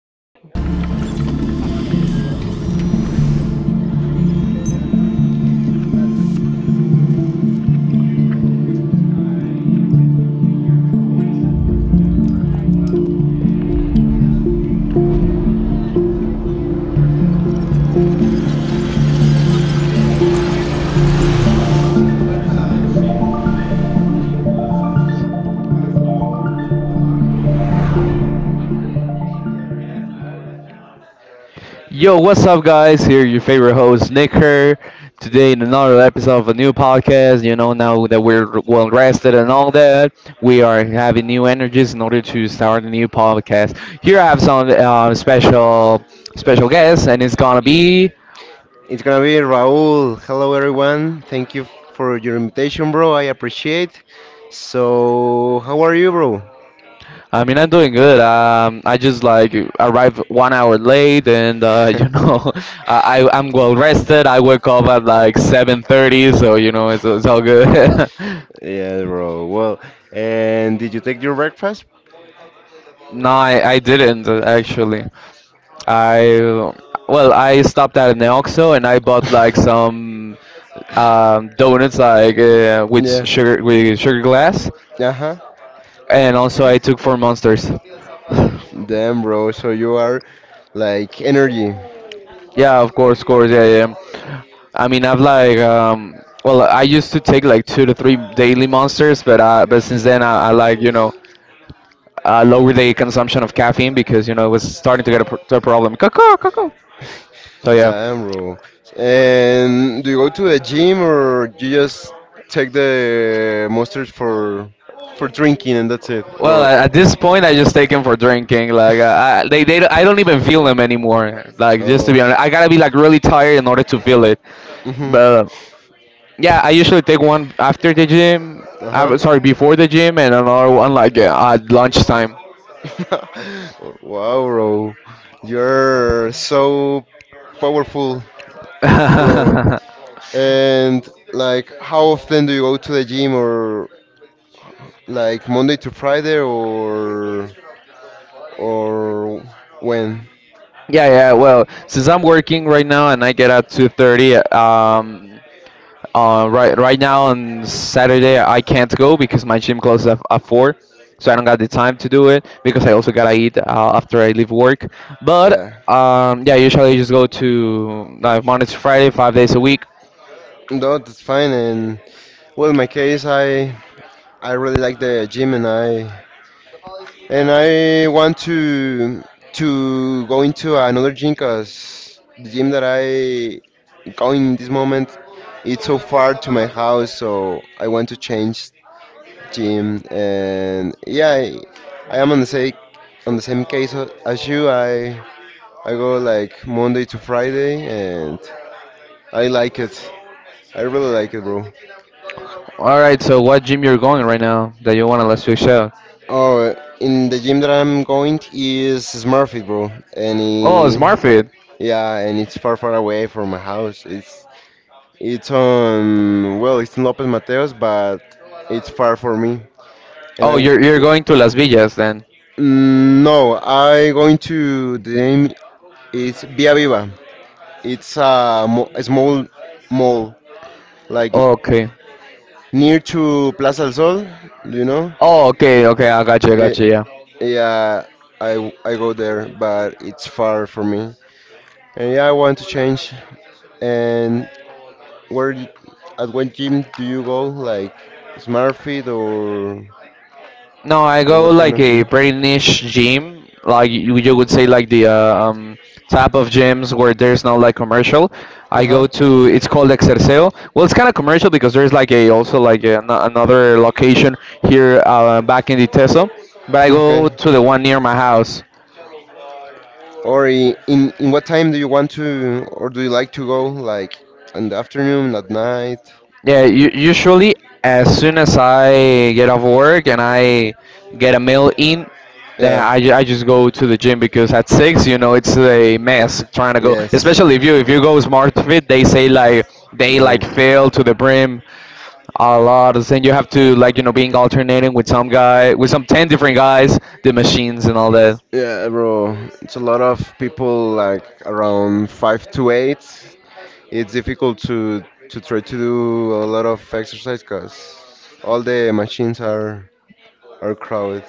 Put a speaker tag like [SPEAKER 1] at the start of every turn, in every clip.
[SPEAKER 1] el intro. Yo, what's up, guys? Here, your favorite host, Nick here. Today, in another episode of a new podcast, you know, now that we're well rested and all that, we are having new energies in order to start a new podcast. Here, I have some special guests, and it's gonna be
[SPEAKER 2] It's gonna be Raul. Hello, everyone. Thank you for your invitation, bro. I appreciate. So, how are you, bro?
[SPEAKER 1] I mean, I'm doing good. I just like arrived 1 hour late, and I'm well rested. I wake up at like 7:30, so you know, it's all good.
[SPEAKER 2] Yeah, bro. Well, and did you take your breakfast?
[SPEAKER 1] No, I didn't actually. I well, I stopped at an Oxxo and I bought like some donuts like with
[SPEAKER 2] Yeah.
[SPEAKER 1] sugar glass,
[SPEAKER 2] Uh huh.
[SPEAKER 1] and also I took four monsters.
[SPEAKER 2] Damn, bro. So you are like energy.
[SPEAKER 1] Yeah, of course, yeah, yeah. I mean, I've like, well, I used to take like 2 to 3 daily monsters, but since then I like, lower the consumption of caffeine because you know it was starting to get to a problem. Caw-caw, caw-caw. So yeah.
[SPEAKER 2] Damn, bro. And do you go to the gym or you just take the monsters for drinking and that's it?
[SPEAKER 1] Well,
[SPEAKER 2] Or
[SPEAKER 1] at this point, I just take them for drinking. Like, I don't even feel them anymore. Like, just to
[SPEAKER 2] oh.
[SPEAKER 1] be honest, I gotta be like really tired in order to feel it.
[SPEAKER 2] Mhm.
[SPEAKER 1] But yeah, I usually take one after the gym.
[SPEAKER 2] Uh huh.
[SPEAKER 1] I'm sorry, before the gym, and another one like at lunchtime.
[SPEAKER 2] Wow, bro. You're so powerful, bro. And like, how often do you go to the gym, or like Monday to Friday, or when?
[SPEAKER 1] Yeah, yeah. Well, since I'm working right now and I get at 2:30, right now on Saturday I can't go because my gym closes at four, so I don't got the time to do it because I also gotta eat after I leave work. But
[SPEAKER 2] Yeah.
[SPEAKER 1] yeah, usually I just go to like Monday to Friday, 5 days a week.
[SPEAKER 2] No, that's fine. And well, in my case, I really like the gym, and I want to go into another gym because the gym that I going in this moment, it's so far to my house, so I want to change gym. And yeah, I am on the same case, as you. I go like Monday to Friday, and I like it. I really like it, bro.
[SPEAKER 1] All right, so what gym you're going right now that you wanna let's switch out?
[SPEAKER 2] Oh, in the gym that I'm going is Smurfit, bro, and
[SPEAKER 1] Oh,
[SPEAKER 2] he,
[SPEAKER 1] SmartFit.
[SPEAKER 2] yeah, and it's far, far away from my house. It's on well, it's in López Mateos, but it's far for me. And I,
[SPEAKER 1] Oh, you're going to Las Villas then.
[SPEAKER 2] Mm, no, I going to the name is Via Viva. It's a small mall, like
[SPEAKER 1] Okay.
[SPEAKER 2] near to Plaza del Sol. Do you know?
[SPEAKER 1] Oh, okay, okay, I
[SPEAKER 2] Eh,
[SPEAKER 1] got you, yeah.
[SPEAKER 2] yeah, I go there, but it's far for me. And yeah, I want to change, and where at what gym do you go? Like SmartFit or
[SPEAKER 1] No, I
[SPEAKER 2] or
[SPEAKER 1] go
[SPEAKER 2] what kind
[SPEAKER 1] like
[SPEAKER 2] of
[SPEAKER 1] a
[SPEAKER 2] gym?
[SPEAKER 1] pretty niche gym, like you would say like the type of gyms where there's no like commercial.
[SPEAKER 2] Uh
[SPEAKER 1] I
[SPEAKER 2] huh.
[SPEAKER 1] go to it's called Exerceo. Well, it's kind of commercial because there's like a also like another location here back in the Teso, but I
[SPEAKER 2] Okay.
[SPEAKER 1] go to the one near my house.
[SPEAKER 2] Or in what time do you want to, or do you like to go? Like in the afternoon, at night?
[SPEAKER 1] Yeah, usually as soon as I get off work and I get a meal in, then
[SPEAKER 2] Yeah.
[SPEAKER 1] I just go to the gym because at six, you know, it's a mess trying to go.
[SPEAKER 2] Yes.
[SPEAKER 1] Especially if you go smart fit, they say like they like
[SPEAKER 2] No.
[SPEAKER 1] fail to the brim a lot. And you have to like you know being alternating with some guy with some 10 different guys, the machines and all that.
[SPEAKER 2] Yeah, bro. It's a lot of people, like around 5 to 8. It's difficult to try to do a lot of exercise because all the machines are crowded.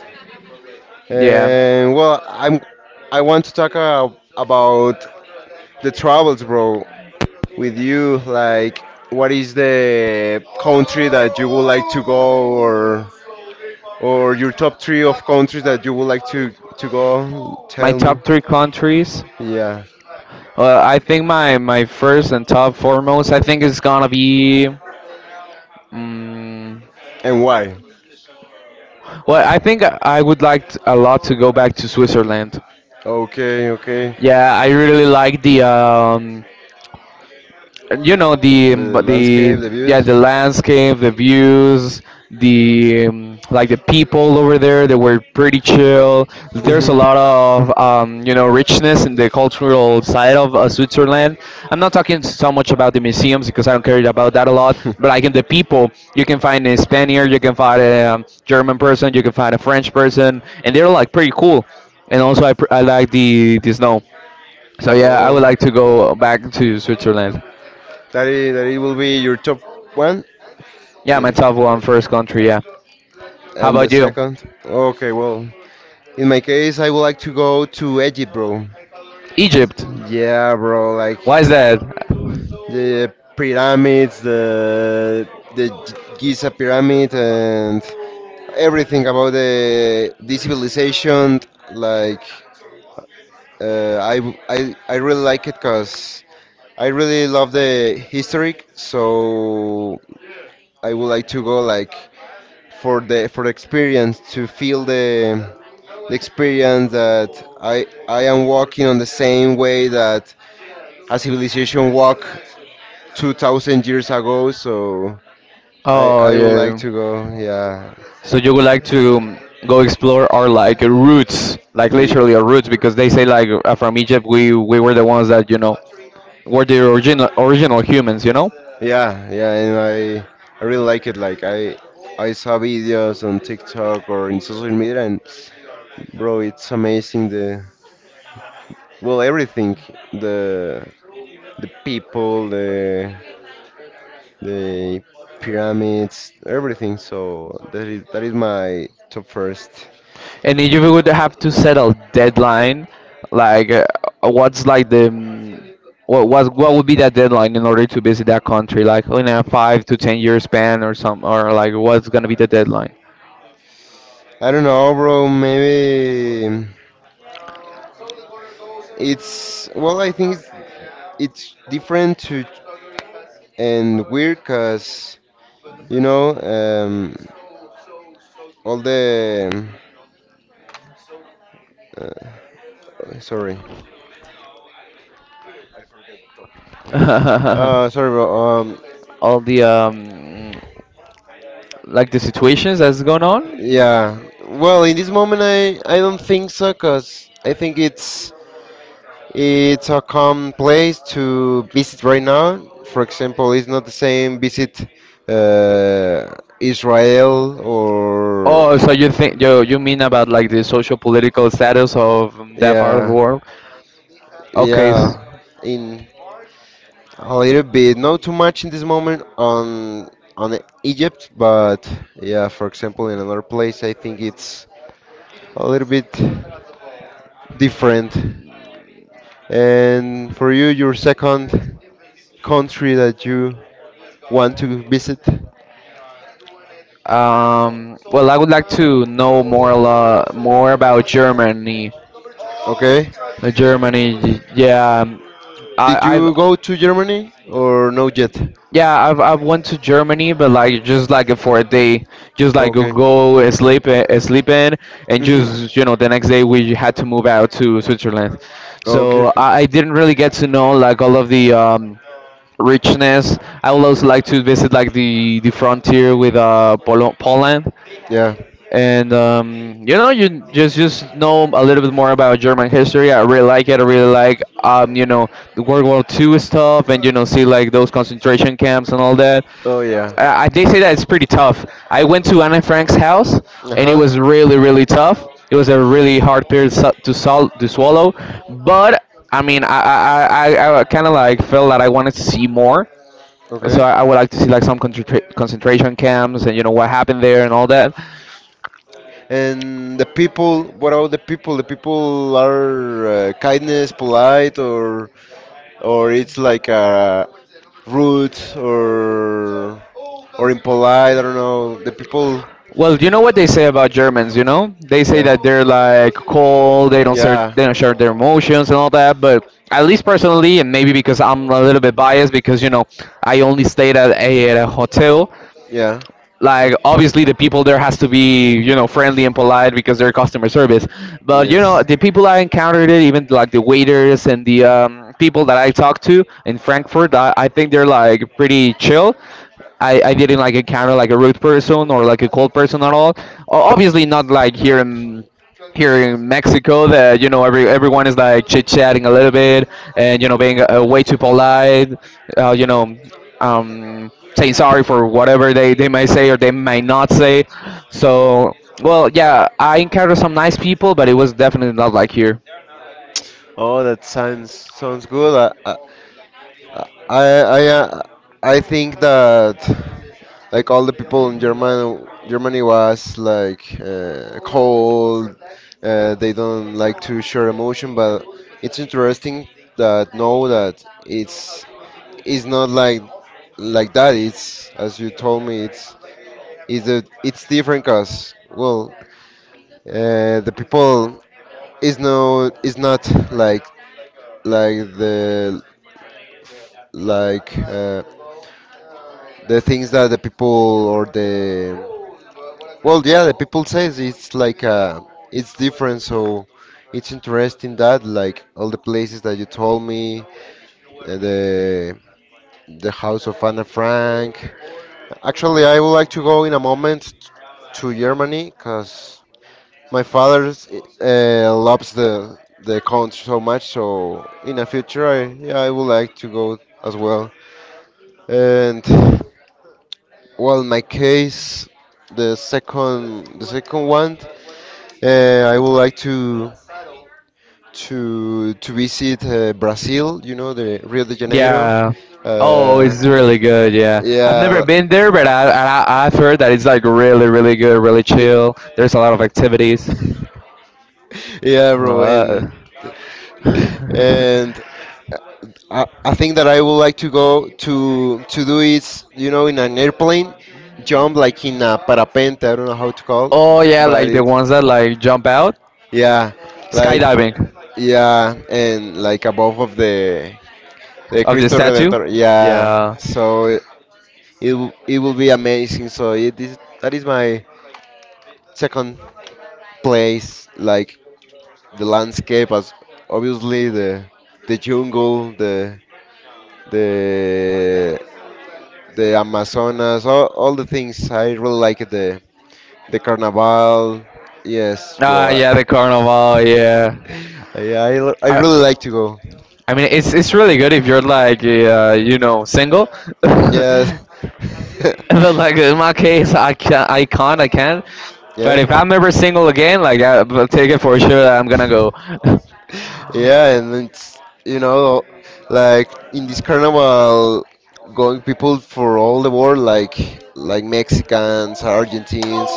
[SPEAKER 1] Yeah.
[SPEAKER 2] And well, I want to talk about the travels, bro, with you. Like, what is the country that you would like to go, or your top three of countries that you would like to go?
[SPEAKER 1] My
[SPEAKER 2] Tell me.
[SPEAKER 1] top three countries.
[SPEAKER 2] Yeah,
[SPEAKER 1] I think my first and top foremost. I think it's gonna be. Um,
[SPEAKER 2] and why?
[SPEAKER 1] well, I think I would like a lot to go back to Switzerland.
[SPEAKER 2] Okay, okay.
[SPEAKER 1] Yeah, I really like the you know the
[SPEAKER 2] The
[SPEAKER 1] the
[SPEAKER 2] landscape, the
[SPEAKER 1] yeah
[SPEAKER 2] views.
[SPEAKER 1] the landscape, the views, the like the people over there. They were pretty chill. There's a
[SPEAKER 2] Hmm.
[SPEAKER 1] lot of you know richness in the cultural side of Switzerland. I'm not talking so much about the museums because I don't care about that a lot. But like in the people, you can find a Spaniard, you can find a German person, you can find a French person, and they're like pretty cool. And also, I like the snow. So yeah, I would
[SPEAKER 2] Oh.
[SPEAKER 1] like to go back to Switzerland.
[SPEAKER 2] That it will be your top one.
[SPEAKER 1] Yeah, my
[SPEAKER 2] The-
[SPEAKER 1] top one first country. Yeah. How
[SPEAKER 2] and the
[SPEAKER 1] about you?
[SPEAKER 2] second. Okay, well, in my case, I would like to go to Egypt, bro.
[SPEAKER 1] Egypt.
[SPEAKER 2] Yeah, bro, like
[SPEAKER 1] Why is
[SPEAKER 2] p-
[SPEAKER 1] that?
[SPEAKER 2] the pyramids, the Giza pyramid, and everything about the civilization. Like, I, w- I really like it because I really love the history. So I would like to go for the experience, to feel the experience that I am walking on the same way that a civilization walked 2000 years ago. So I
[SPEAKER 1] Oh
[SPEAKER 2] I would like
[SPEAKER 1] yeah.
[SPEAKER 2] to go. Yeah.
[SPEAKER 1] So you would like to go explore our like roots, like
[SPEAKER 2] Y-
[SPEAKER 1] literally our roots, because they say like from Egypt we were the ones that you know were the original humans, you know.
[SPEAKER 2] yeah, yeah, and I really like it. Like, I saw videos on TikTok or in social media, and bro, it's amazing, the well, everything, the the people, the pyramids, everything. So that is my top first.
[SPEAKER 1] And if you would have to set a deadline, like what's like the what would be that deadline in order to visit that country, like in a 5 to 10 year span or some or like what's gonna be the deadline?
[SPEAKER 2] I don't know, bro. Maybe it's well. I think it's different to and weird, cause you know, all the, uh, sorry. Sorry, bro.
[SPEAKER 1] All the like the situations that's going on.
[SPEAKER 2] Yeah. Well, in this moment, I don't think so, cause I think it's a calm place to visit right now. For example, it's not the same visit Israel or,
[SPEAKER 1] Oh, so you think you you mean about like the social political status of that part of the
[SPEAKER 2] yeah,
[SPEAKER 1] world? Okay.
[SPEAKER 2] yeah, in a little bit, not too much in this moment on Egypt, but yeah, for example, in another place, I think it's a little bit different. And for you, your second country that you want to visit.
[SPEAKER 1] Well, I would like to know more a lot, more about Germany.
[SPEAKER 2] Okay.
[SPEAKER 1] Germany, yeah.
[SPEAKER 2] Did
[SPEAKER 1] I I've
[SPEAKER 2] you go to Germany or no yet?
[SPEAKER 1] Yeah, I've went to Germany, but like just like for a day, just like
[SPEAKER 2] Okay.
[SPEAKER 1] go and sleep in, and
[SPEAKER 2] Mhm.
[SPEAKER 1] just you know the next day we had to move out to Switzerland.
[SPEAKER 2] Okay,
[SPEAKER 1] So
[SPEAKER 2] okay.
[SPEAKER 1] I didn't really get to know like all of the richness. I would also like to visit like the frontier with Polo Poland
[SPEAKER 2] Yeah.
[SPEAKER 1] and you know you just know a little bit more about German history. I really like it. I really like you know the World War Two stuff, and you know see like those concentration camps and all that.
[SPEAKER 2] Oh yeah.
[SPEAKER 1] They say that it's pretty tough. I went to Anne Frank's house,
[SPEAKER 2] Uh
[SPEAKER 1] and it
[SPEAKER 2] huh.
[SPEAKER 1] was really really tough. It was a really hard period to swallow, but I mean I kind of like felt that I wanted to see more.
[SPEAKER 2] Okay.
[SPEAKER 1] So I would
[SPEAKER 2] I,
[SPEAKER 1] like to see like some concentration camps and you know what happened there and all that.
[SPEAKER 2] and the people, what about the people? The people are, kindness, polite, or it's like, rude or impolite. I don't know. The people,
[SPEAKER 1] Well, you know what they say about Germans, you know? They say
[SPEAKER 2] yeah,
[SPEAKER 1] that they're like cold,
[SPEAKER 2] yeah.
[SPEAKER 1] they don't share their emotions and all that, but at least personally, and maybe because I'm a little bit biased because, you know, I only stayed at a hotel,
[SPEAKER 2] Yeah.
[SPEAKER 1] like obviously the people there has to be you know friendly and polite because they're customer service but you know the people I encountered it even like the waiters and the people that I talked to in Frankfurt I think they're like pretty chill. I didn't like encounter like a rude person or like a cold person at all. Obviously not like here in here in Mexico that you know everyone is like chit chatting a little bit and you know being way too polite, uh, you know, um, saying sorry for whatever they might say or they might not say. So well, yeah, I encountered some nice people, but it was definitely not like here.
[SPEAKER 2] Oh, that sounds good. I, I, I I uh, I think that like all the people in Germany was like, cold. They don't like to share emotion, but it's interesting that know that it's not like that. It's as you told me. It's different, cause well, the people is not like like the, like, the things that the people or the, well, yeah, the people says it's like, it's different. So it's interesting that like all the places that you told me, uh, the the house of Anna Frank, actually I would like to go in a moment to Germany because my father, loves the country so much. So in the future, I yeah I would like to go as well. And well, in my case, the second one, I would like to visit, Brazil. You know, the Rio de Janeiro.
[SPEAKER 1] Yeah. Oh,
[SPEAKER 2] Uh,
[SPEAKER 1] it's really good. Yeah, I've never
[SPEAKER 2] yeah.
[SPEAKER 1] been there, I I've heard that it's like really really good, really
[SPEAKER 2] N-
[SPEAKER 1] chill. There's a lot of activities.
[SPEAKER 2] yeah, bro, and
[SPEAKER 1] Uh,
[SPEAKER 2] and I think that I would like to go to do is, in an airplane, jump like in a parapente. I don't know how to call
[SPEAKER 1] Oh
[SPEAKER 2] it,
[SPEAKER 1] yeah,
[SPEAKER 2] but
[SPEAKER 1] like the
[SPEAKER 2] it's,
[SPEAKER 1] ones that like jump out,
[SPEAKER 2] yeah, like,
[SPEAKER 1] skydiving
[SPEAKER 2] yeah, and like above of the
[SPEAKER 1] of the
[SPEAKER 2] Cristo
[SPEAKER 1] statue.
[SPEAKER 2] Redentor. Yeah,
[SPEAKER 1] Yeah.
[SPEAKER 2] so it will be amazing. So it is that is my second place. Like the landscape, as obviously the jungle, the the Amazonas, all the things. I really like it. The Carnival. Yes,
[SPEAKER 1] Ah
[SPEAKER 2] bro. I,
[SPEAKER 1] yeah, the carnival. Yeah.
[SPEAKER 2] yeah, I
[SPEAKER 1] I
[SPEAKER 2] really like to go.
[SPEAKER 1] I mean, it's really good if you're like you know single.
[SPEAKER 2] Yeah.
[SPEAKER 1] But like in my case, I can't. But
[SPEAKER 2] Yeah.
[SPEAKER 1] if I'm ever single again, like will take it for sure that I'm gonna go.
[SPEAKER 2] Yeah, and it's, you know like in this carnival going people for all the world, like Mexicans, Argentines,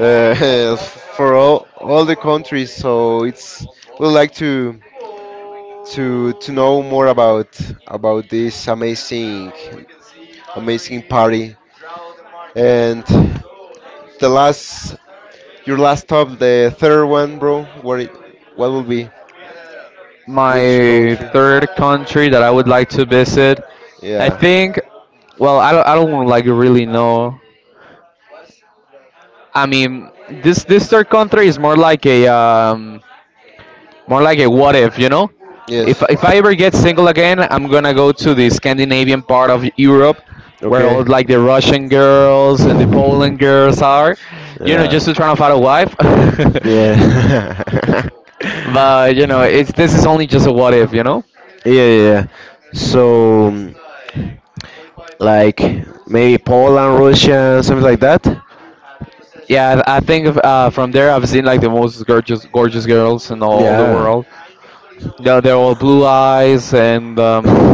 [SPEAKER 2] uh, for all the countries. So it's we like to know more about this amazing party. And the last, your last stop, the third one, bro. What will be? Which
[SPEAKER 1] My
[SPEAKER 2] country?
[SPEAKER 1] third country that I would like to visit, I
[SPEAKER 2] Yeah.
[SPEAKER 1] think. Well, I don't like really know. I mean, this third country is more like a more like a what if, you know?
[SPEAKER 2] Yes.
[SPEAKER 1] If I ever get single again, I'm gonna go to the Scandinavian part of Europe, where
[SPEAKER 2] Okay.
[SPEAKER 1] all like the Russian girls and the Poland girls are,
[SPEAKER 2] Yeah.
[SPEAKER 1] you know,
[SPEAKER 2] Yeah.
[SPEAKER 1] just to try to find a wife.
[SPEAKER 2] Yeah,
[SPEAKER 1] But you know, it's this is only just a what if, you know?
[SPEAKER 2] yeah, yeah. So, like maybe Poland, Russia, something like that.
[SPEAKER 1] Yeah, I think from there I've seen like the most gorgeous girls in all the
[SPEAKER 2] Yeah.
[SPEAKER 1] world. They're all blue eyes and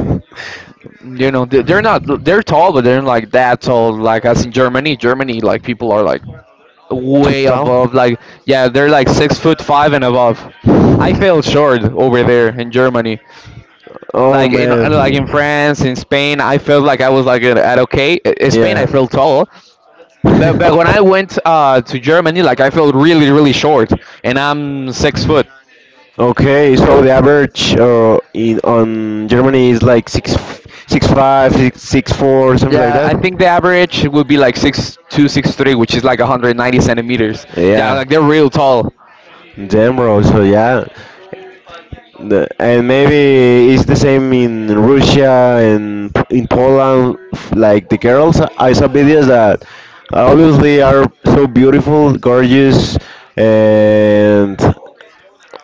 [SPEAKER 1] you know, they're tall, but they're not like that tall. Like as in Germany, like people are like
[SPEAKER 2] Too
[SPEAKER 1] way
[SPEAKER 2] tall.
[SPEAKER 1] above. Like yeah, they're like 6 foot five and above. I fell short over there in Germany.
[SPEAKER 2] Oh
[SPEAKER 1] Like in
[SPEAKER 2] man.
[SPEAKER 1] France, in Spain, I felt like I was like at okay. In Spain, I
[SPEAKER 2] Yeah,
[SPEAKER 1] felt tall. But when I went to Germany, like I felt really, really short, and I'm 6 foot.
[SPEAKER 2] okay, so the average, in on Germany is like six, 6'5", six six four, something like
[SPEAKER 1] Yeah,
[SPEAKER 2] I that.
[SPEAKER 1] I think the average would be like 6 2, 6 3, which is like 190 centimeters. Yeah,
[SPEAKER 2] Yeah,
[SPEAKER 1] like they're real tall.
[SPEAKER 2] damn bro. So yeah, and maybe it's the same in Russia and in Poland. Like the girls, I saw videos that obviously are so beautiful, gorgeous, and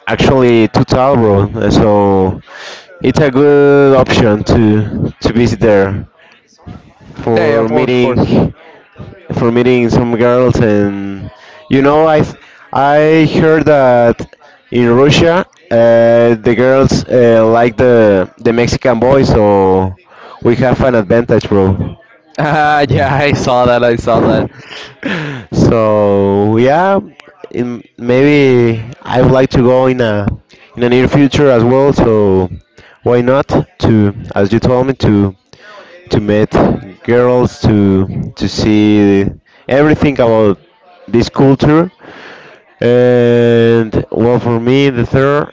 [SPEAKER 2] actually too tall, bro. And so it's a good option to visit there
[SPEAKER 1] Yeah, yeah,
[SPEAKER 2] for
[SPEAKER 1] of course, of
[SPEAKER 2] meeting
[SPEAKER 1] course.
[SPEAKER 2] for meeting some girls. And you know I I heard that in Russia, the girls, like the Mexican boys, so we have an advantage, bro.
[SPEAKER 1] Ah, yeah, I saw that. I saw that.
[SPEAKER 2] So yeah, maybe I would like to go in the near future as well. So why not, to as you told me, to meet girls, to see everything about this culture. And well, for me, the third,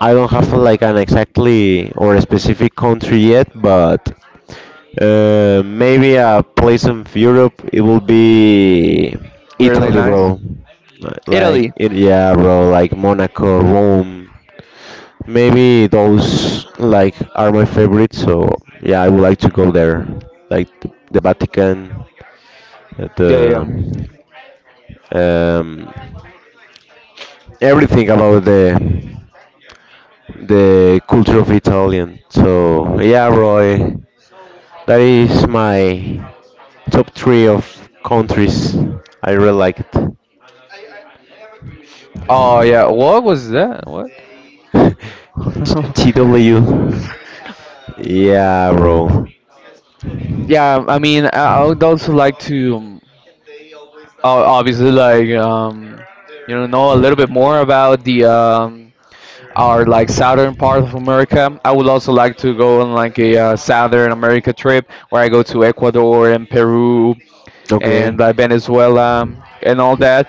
[SPEAKER 2] I don't have like an exactly or a specific country yet, but maybe a place in Europe. It will be
[SPEAKER 1] Really
[SPEAKER 2] Italy,
[SPEAKER 1] nice.
[SPEAKER 2] bro. Like
[SPEAKER 1] Italy.
[SPEAKER 2] it, yeah, bro. Like Monaco, Rome. Maybe those like are my favorites. So yeah, I would like to go there. Like the Vatican,
[SPEAKER 1] Yeah,
[SPEAKER 2] the
[SPEAKER 1] yeah.
[SPEAKER 2] um, everything about the culture of Italian. So yeah, Roy, that is my top three of countries I really liked.
[SPEAKER 1] Oh, yeah. What was that? What?
[SPEAKER 2] TW. Yeah, bro.
[SPEAKER 1] Yeah, I mean, I would also like to obviously like you know a little bit more about the our like southern part of America. I would also like to go on like a southern America trip where I go to Ecuador and Peru
[SPEAKER 2] Okay.
[SPEAKER 1] and Venezuela and all that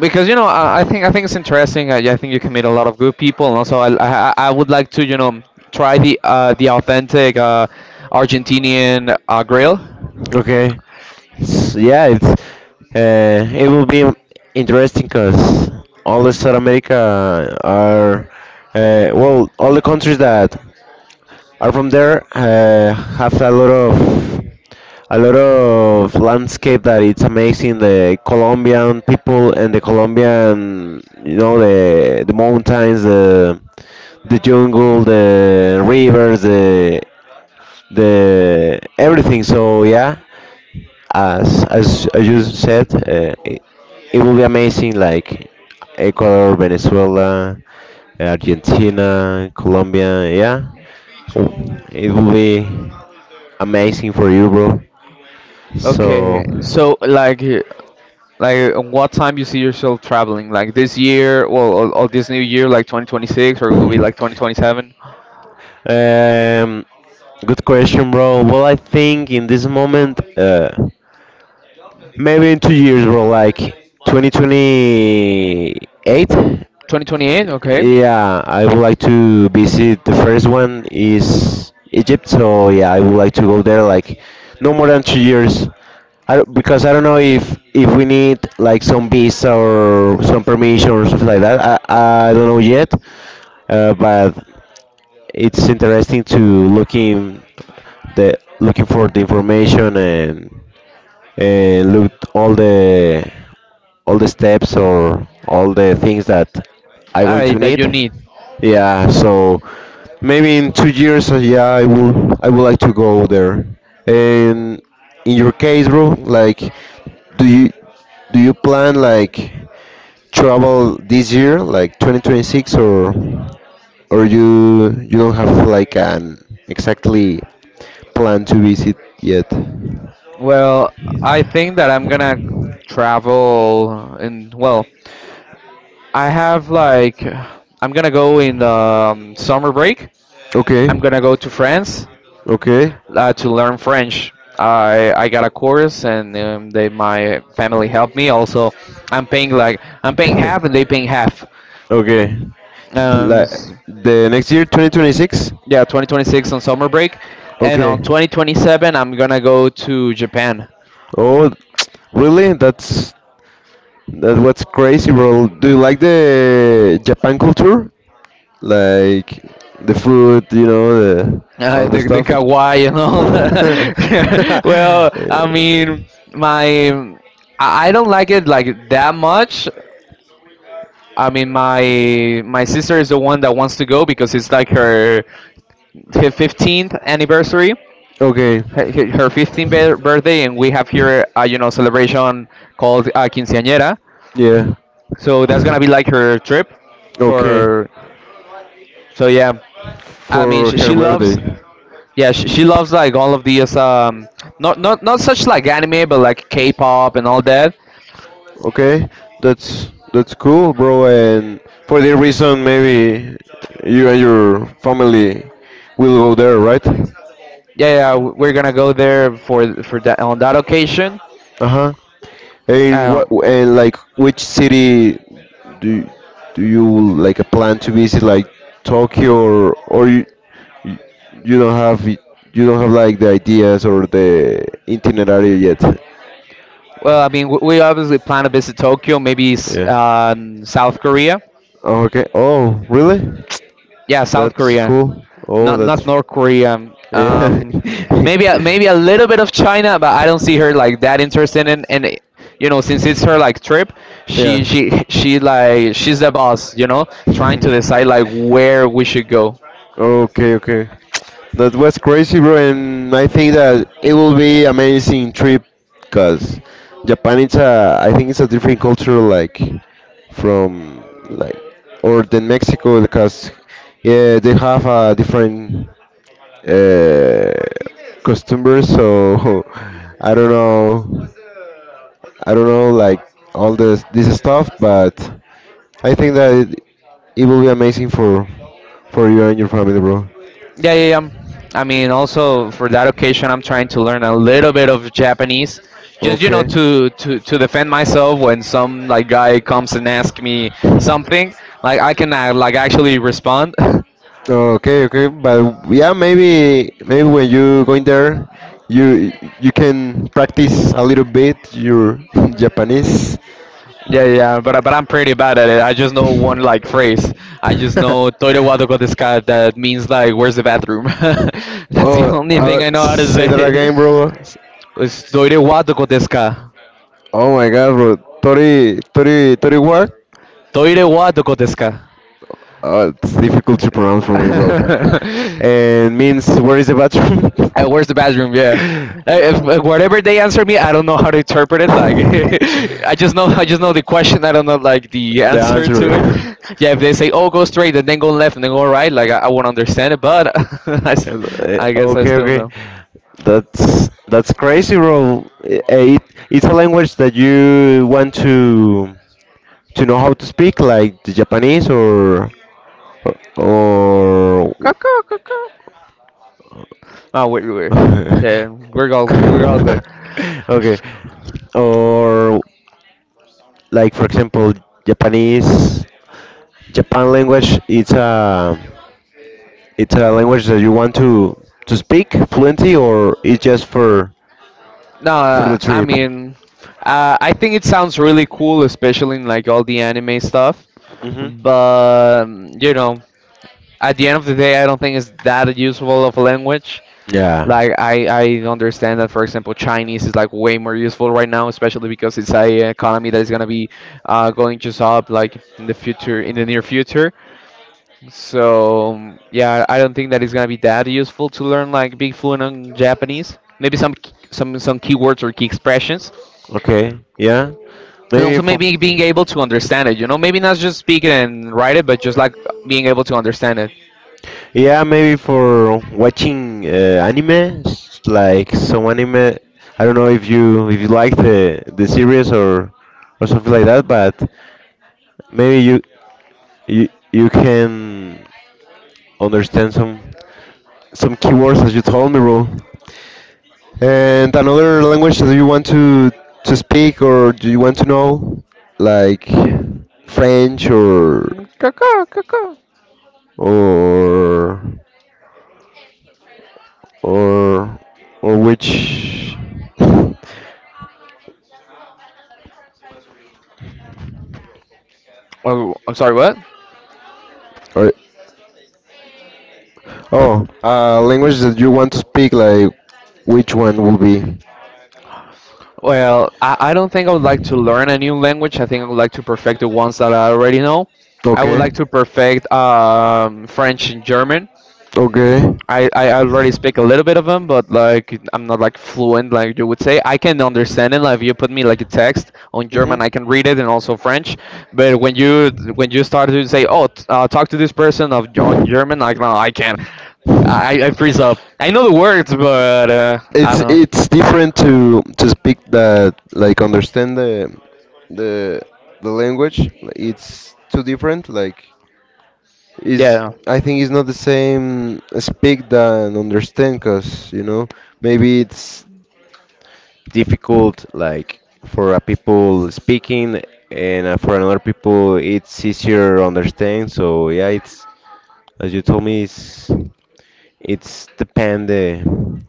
[SPEAKER 1] because I think it's interesting. I think you can meet a lot of good people, and also I would like to try the authentic Argentinian grill.
[SPEAKER 2] Okay. S Yeah, it's, it will be interesting because all the South America are, well, all the countries that are from there, have a lot of landscape that it's amazing. The Colombian people, and the Colombian, the mountains, the jungle, the rivers, the everything. So yeah, as you said, it will be amazing, like Ecuador, Venezuela, Argentina, Colombia. Yeah, it will be amazing for you, bro.
[SPEAKER 1] Okay, so
[SPEAKER 2] So,
[SPEAKER 1] like what time you see yourself traveling? Like this year, well, or this new year, like 2026, or it will be like 2027,
[SPEAKER 2] um, good question, bro. Well, I think in this moment, maybe in 2 years, bro, like 2028.
[SPEAKER 1] 2028. Okay.
[SPEAKER 2] Yeah, I would like to visit. The first one is Egypt, so yeah, I would like to go there like no more than 2 years. I, don't- Because I don't know if we need like some visa or some permission or something like that. I don't know yet, but it's interesting to, looking for the information and look all the steps or all the things that I'm
[SPEAKER 1] All
[SPEAKER 2] going
[SPEAKER 1] right,
[SPEAKER 2] to
[SPEAKER 1] that
[SPEAKER 2] need.
[SPEAKER 1] you need.
[SPEAKER 2] Yeah, so maybe in 2 years, yeah, I would like to go there. And in your case, bro, like, do you do you plan like travel this year, like 2026, or you don't have like an exactly plan to visit yet?
[SPEAKER 1] Well, I think that travel in. Well, I have like I'm gonna go in the summer break. I'm
[SPEAKER 2] Okay,
[SPEAKER 1] gonna go to France
[SPEAKER 2] okay.
[SPEAKER 1] to learn French. I got a course and they my family helped me. Also, I'm paying half and they paying half.
[SPEAKER 2] Okay.
[SPEAKER 1] Um,
[SPEAKER 2] Like
[SPEAKER 1] s-
[SPEAKER 2] the next year, 2026.
[SPEAKER 1] yeah, 2026 on summer break, and
[SPEAKER 2] Okay.
[SPEAKER 1] on 2027 I'm gonna go to Japan.
[SPEAKER 2] Oh, really? That's what's crazy, bro. Do you like the Japan culture? Like the food, you know, the
[SPEAKER 1] Uh,
[SPEAKER 2] all the
[SPEAKER 1] the the
[SPEAKER 2] stuff.
[SPEAKER 1] kawaii and all that. Well, I mean, my I don't like it like that much. I mean, my sister is the one that wants to go because it's like her 15th anniversary,
[SPEAKER 2] Okay.
[SPEAKER 1] her 15th birthday, and we have here a celebration called quinceañera.
[SPEAKER 2] Yeah.
[SPEAKER 1] So that's gonna be like her trip
[SPEAKER 2] Okay.
[SPEAKER 1] for. So yeah, I mean,
[SPEAKER 2] For her
[SPEAKER 1] she loves.
[SPEAKER 2] birthday.
[SPEAKER 1] Yeah, she loves like all of these not such like anime but like K-pop and all that.
[SPEAKER 2] Okay. That's cool, bro. And for the reason, maybe you and your family will go there, right?
[SPEAKER 1] Yeah, yeah, we're gonna go there for that on that occasion.
[SPEAKER 2] Uh huh. And what
[SPEAKER 1] Um,
[SPEAKER 2] and like which city do do you like a plan to visit, like Tokyo or you you don't have like the ideas or the itinerary yet?
[SPEAKER 1] well, I mean, we obviously plan to visit Tokyo, maybe
[SPEAKER 2] Yeah.
[SPEAKER 1] South Korea.
[SPEAKER 2] Oh, okay. Oh, really?
[SPEAKER 1] Yeah, South
[SPEAKER 2] That's
[SPEAKER 1] Korea,
[SPEAKER 2] cool. Oh,
[SPEAKER 1] not
[SPEAKER 2] that's.
[SPEAKER 1] not North Korea.
[SPEAKER 2] Yeah.
[SPEAKER 1] Um, maybe a- maybe a little bit of China, but I don't see her like that interested in. And since it's her like trip, she
[SPEAKER 2] Yeah.
[SPEAKER 1] she she's the boss. Trying to decide like where we should go.
[SPEAKER 2] Okay, okay. That was crazy, bro, and I think that it will be amazing trip, cause Japan it's a, I think it's a different culture, like from like or than Mexico, because yeah, they have a different uh, customers. So I don't know, I don't know like all this stuff, but. I think that it will be amazing for you and your family, bro.
[SPEAKER 1] Yeah, yeah, yeah. I mean, also for that occasion, I'm trying to learn a little bit of Japanese, just
[SPEAKER 2] Okay.
[SPEAKER 1] to defend myself when some like guy comes and asks me something. Like I can like actually respond.
[SPEAKER 2] Okay, okay, but yeah, maybe when you go in there, you you can practice a little bit your Japanese.
[SPEAKER 1] Yeah, yeah, yeah, but I'm pretty bad at it. I just know one like phrase. I just know "Toire wa doko desu ka?" That means like "Where's the bathroom?" That's the
[SPEAKER 2] Oh,
[SPEAKER 1] only thing I know how to
[SPEAKER 2] say that
[SPEAKER 1] say.
[SPEAKER 2] again, bro.
[SPEAKER 1] It's "Toire wa doko desu ka?"
[SPEAKER 2] Oh my god, bro. 30, 30, 30 what?
[SPEAKER 1] "Toire wa doko desu ka?"
[SPEAKER 2] Oh, it's difficult to pronounce for me, bro. And means where is the bathroom?
[SPEAKER 1] Where's the bathroom? Yeah. If, whatever they answer me, I don't know how to interpret it. Like, I just know the question. I don't know like the
[SPEAKER 2] The
[SPEAKER 1] answer to it.
[SPEAKER 2] answer.
[SPEAKER 1] Yeah. If they say, "Oh, go straight," and then go left, and then go right, like I won't understand it. But I, s-
[SPEAKER 2] And,
[SPEAKER 1] I guess I
[SPEAKER 2] okay,
[SPEAKER 1] still
[SPEAKER 2] okay.
[SPEAKER 1] know.
[SPEAKER 2] That's crazy, bro. I- It, it's a language that you want to know how to speak, like the Japanese or
[SPEAKER 1] Cuckoo, cuckoo. Oh, wait, wait. Yeah, we're all good.
[SPEAKER 2] okay, or like for example, Japanese Japan language. It's a language that you want to speak fluently, or it's just
[SPEAKER 1] No,
[SPEAKER 2] for the
[SPEAKER 1] I
[SPEAKER 2] trip.
[SPEAKER 1] mean, I think it sounds really cool, especially in like all the anime stuff.
[SPEAKER 2] Mm-hmm.
[SPEAKER 1] But at the end of the day, I don't think it's that useful of a language.
[SPEAKER 2] Yeah.
[SPEAKER 1] Like I understand that, for example, Chinese is like way more useful right now, especially because it's a economy that is gonna be going just up like in the future, in the near future. So yeah, I don't think that it's gonna be that useful to learn like be fluent on Japanese. Maybe some k- some keywords or key expressions,
[SPEAKER 2] Okay. Yeah.
[SPEAKER 1] and
[SPEAKER 2] Maybe
[SPEAKER 1] also
[SPEAKER 2] for.
[SPEAKER 1] maybe being able to understand it. Maybe not just speak it and write it, but just like being able to understand it.
[SPEAKER 2] Yeah, maybe for watching anime, s- like some anime. I don't know if you like the series or something like that, but maybe you can understand some keywords as you told me, bro. And another language that you want to speak or do you want to know, like French
[SPEAKER 1] Caw, caw, caw, caw.
[SPEAKER 2] or or or which
[SPEAKER 1] Oh, I'm sorry, what?
[SPEAKER 2] or oh language that you want to speak, like which one will be?
[SPEAKER 1] Well, I don't think I would like to learn a new language. I think I would like to perfect the ones that I already know. I would
[SPEAKER 2] Okay.
[SPEAKER 1] like to perfect French and German.
[SPEAKER 2] Okay.
[SPEAKER 1] I already speak a little bit of them, but like I'm not like fluent like you would say. I can understand it. Like if you put me like a text on
[SPEAKER 2] Mhm.
[SPEAKER 1] German, I can read it and also French. But when you start to say, oh, talk to this person of on German, like no, I can't. I freeze up. I know the words, but I
[SPEAKER 2] It's I
[SPEAKER 1] don't.
[SPEAKER 2] it's different to speak that like understand the the language. It's too different. Like is
[SPEAKER 1] Yeah.
[SPEAKER 2] I think it's not the same speak than understand, cause you know maybe it's difficult like for a people speaking and for another people it's easier understand. So yeah, it's as you told me, it's depend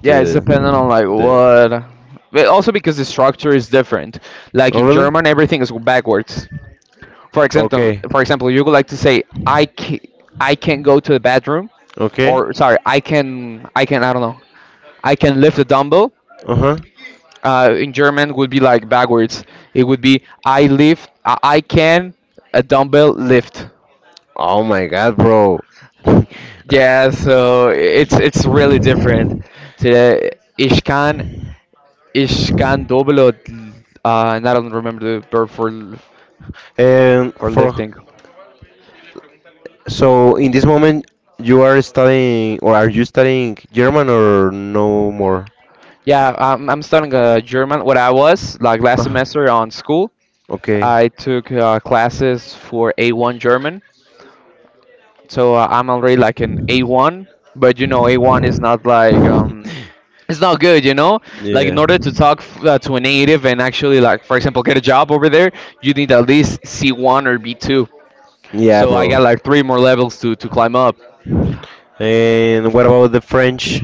[SPEAKER 1] Yeah, it's dependent on
[SPEAKER 2] the
[SPEAKER 1] like
[SPEAKER 2] the.
[SPEAKER 1] what. But also because the structure is different. Like
[SPEAKER 2] Oh
[SPEAKER 1] in
[SPEAKER 2] really?
[SPEAKER 1] German, everything is backwards. For example,
[SPEAKER 2] Okay.
[SPEAKER 1] for example, you would like to say I can go to the bathroom,
[SPEAKER 2] Okay.
[SPEAKER 1] or sorry, I can I don't know, I can lift the dumbbell.
[SPEAKER 2] Uh huh.
[SPEAKER 1] In German would be like backwards. It would be I lift I can a dumbbell lift.
[SPEAKER 2] Oh my God, bro.
[SPEAKER 1] Yeah, so it's really different. So Ishkan Ishkan Dobilo, and I don't remember the verb for
[SPEAKER 2] And
[SPEAKER 1] for
[SPEAKER 2] for
[SPEAKER 1] lifting.
[SPEAKER 2] so in this moment you are studying or are you studying German or no more?
[SPEAKER 1] Yeah, I'm studying German. What I was like last
[SPEAKER 2] Ah,
[SPEAKER 1] semester on school,
[SPEAKER 2] okay.
[SPEAKER 1] I took classes for A1 German. So I'm already like an A1, but A1 is not like, it's not good, like in
[SPEAKER 2] Yeah.
[SPEAKER 1] order to talk to a native and actually like for example get a job over there, you need at least C1 or B2.
[SPEAKER 2] Yeah,
[SPEAKER 1] So I
[SPEAKER 2] bro.
[SPEAKER 1] got like three more levels to climb up.
[SPEAKER 2] And what about the French?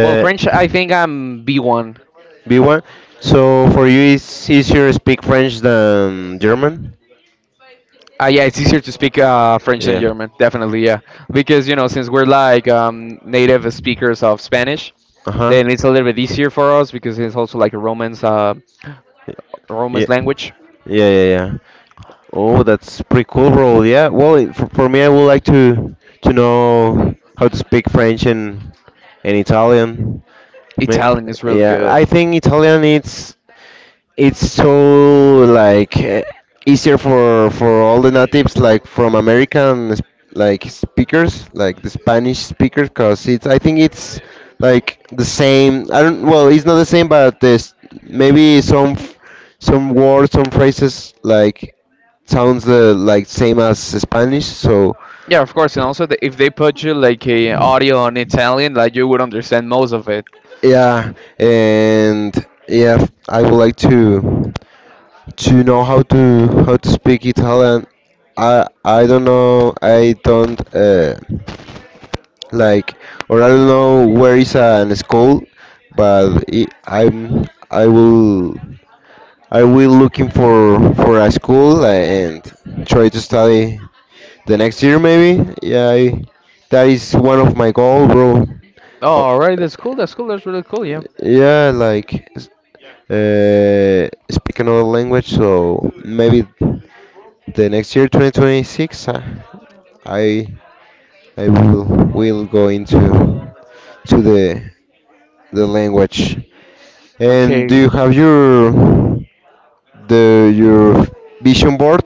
[SPEAKER 1] Well, french, I think I'm B1.
[SPEAKER 2] B1. So for you, it's easier to speak French than German?
[SPEAKER 1] Yeah, it's easier to speak french than
[SPEAKER 2] Yeah.
[SPEAKER 1] german, definitely. Yeah, because since we're like, native speakers of spanish,
[SPEAKER 2] Uh huh.
[SPEAKER 1] then it's a little bit easier for us, because it's also like a romance uh,
[SPEAKER 2] Yeah.
[SPEAKER 1] romance language.
[SPEAKER 2] Yeah, yeah, yeah. Oh, that's pretty cool, bro. Yeah. Well, it- for me, I would like to know how to speak French and Italian. Ma-
[SPEAKER 1] Italian is really
[SPEAKER 2] Yeah, I
[SPEAKER 1] good.
[SPEAKER 2] think Italian it's so like eh, easier for all the natives like from American s- like speakers like the Spanish speakers because it's I think it's like the same I don't well it's not the same but this maybe some f- some words some phrases like sounds like same as Spanish so
[SPEAKER 1] Yeah, of course, and also if they put you like a audio on Italian, like you would understand most of it.
[SPEAKER 2] yeah and yeah I would like to know how to speak Italian. I don't know. I don't like or I don't know where is an school, but I I'm I will I will looking for a school and try to study the next year maybe. Yeah, I, that is one of my goal, bro.
[SPEAKER 1] Oh,
[SPEAKER 2] Oh,
[SPEAKER 1] all right, that's cool. That's cool. That's really cool. Yeah.
[SPEAKER 2] yeah, like s- speak another language, so maybe the next year, 2026, I I will go into to the language. And do
[SPEAKER 1] Okay,
[SPEAKER 2] you have your the your vision board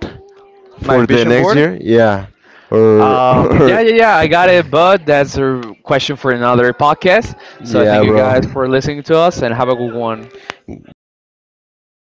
[SPEAKER 1] my
[SPEAKER 2] for the
[SPEAKER 1] vision
[SPEAKER 2] next
[SPEAKER 1] board.
[SPEAKER 2] year? Yeah, or or
[SPEAKER 1] Yeah, yeah, yeah. I got it, but that's a question for another podcast. So I
[SPEAKER 2] yeah,
[SPEAKER 1] thank you
[SPEAKER 2] bro.
[SPEAKER 1] guys for listening to us, and have a good one.
[SPEAKER 2] Bye bye.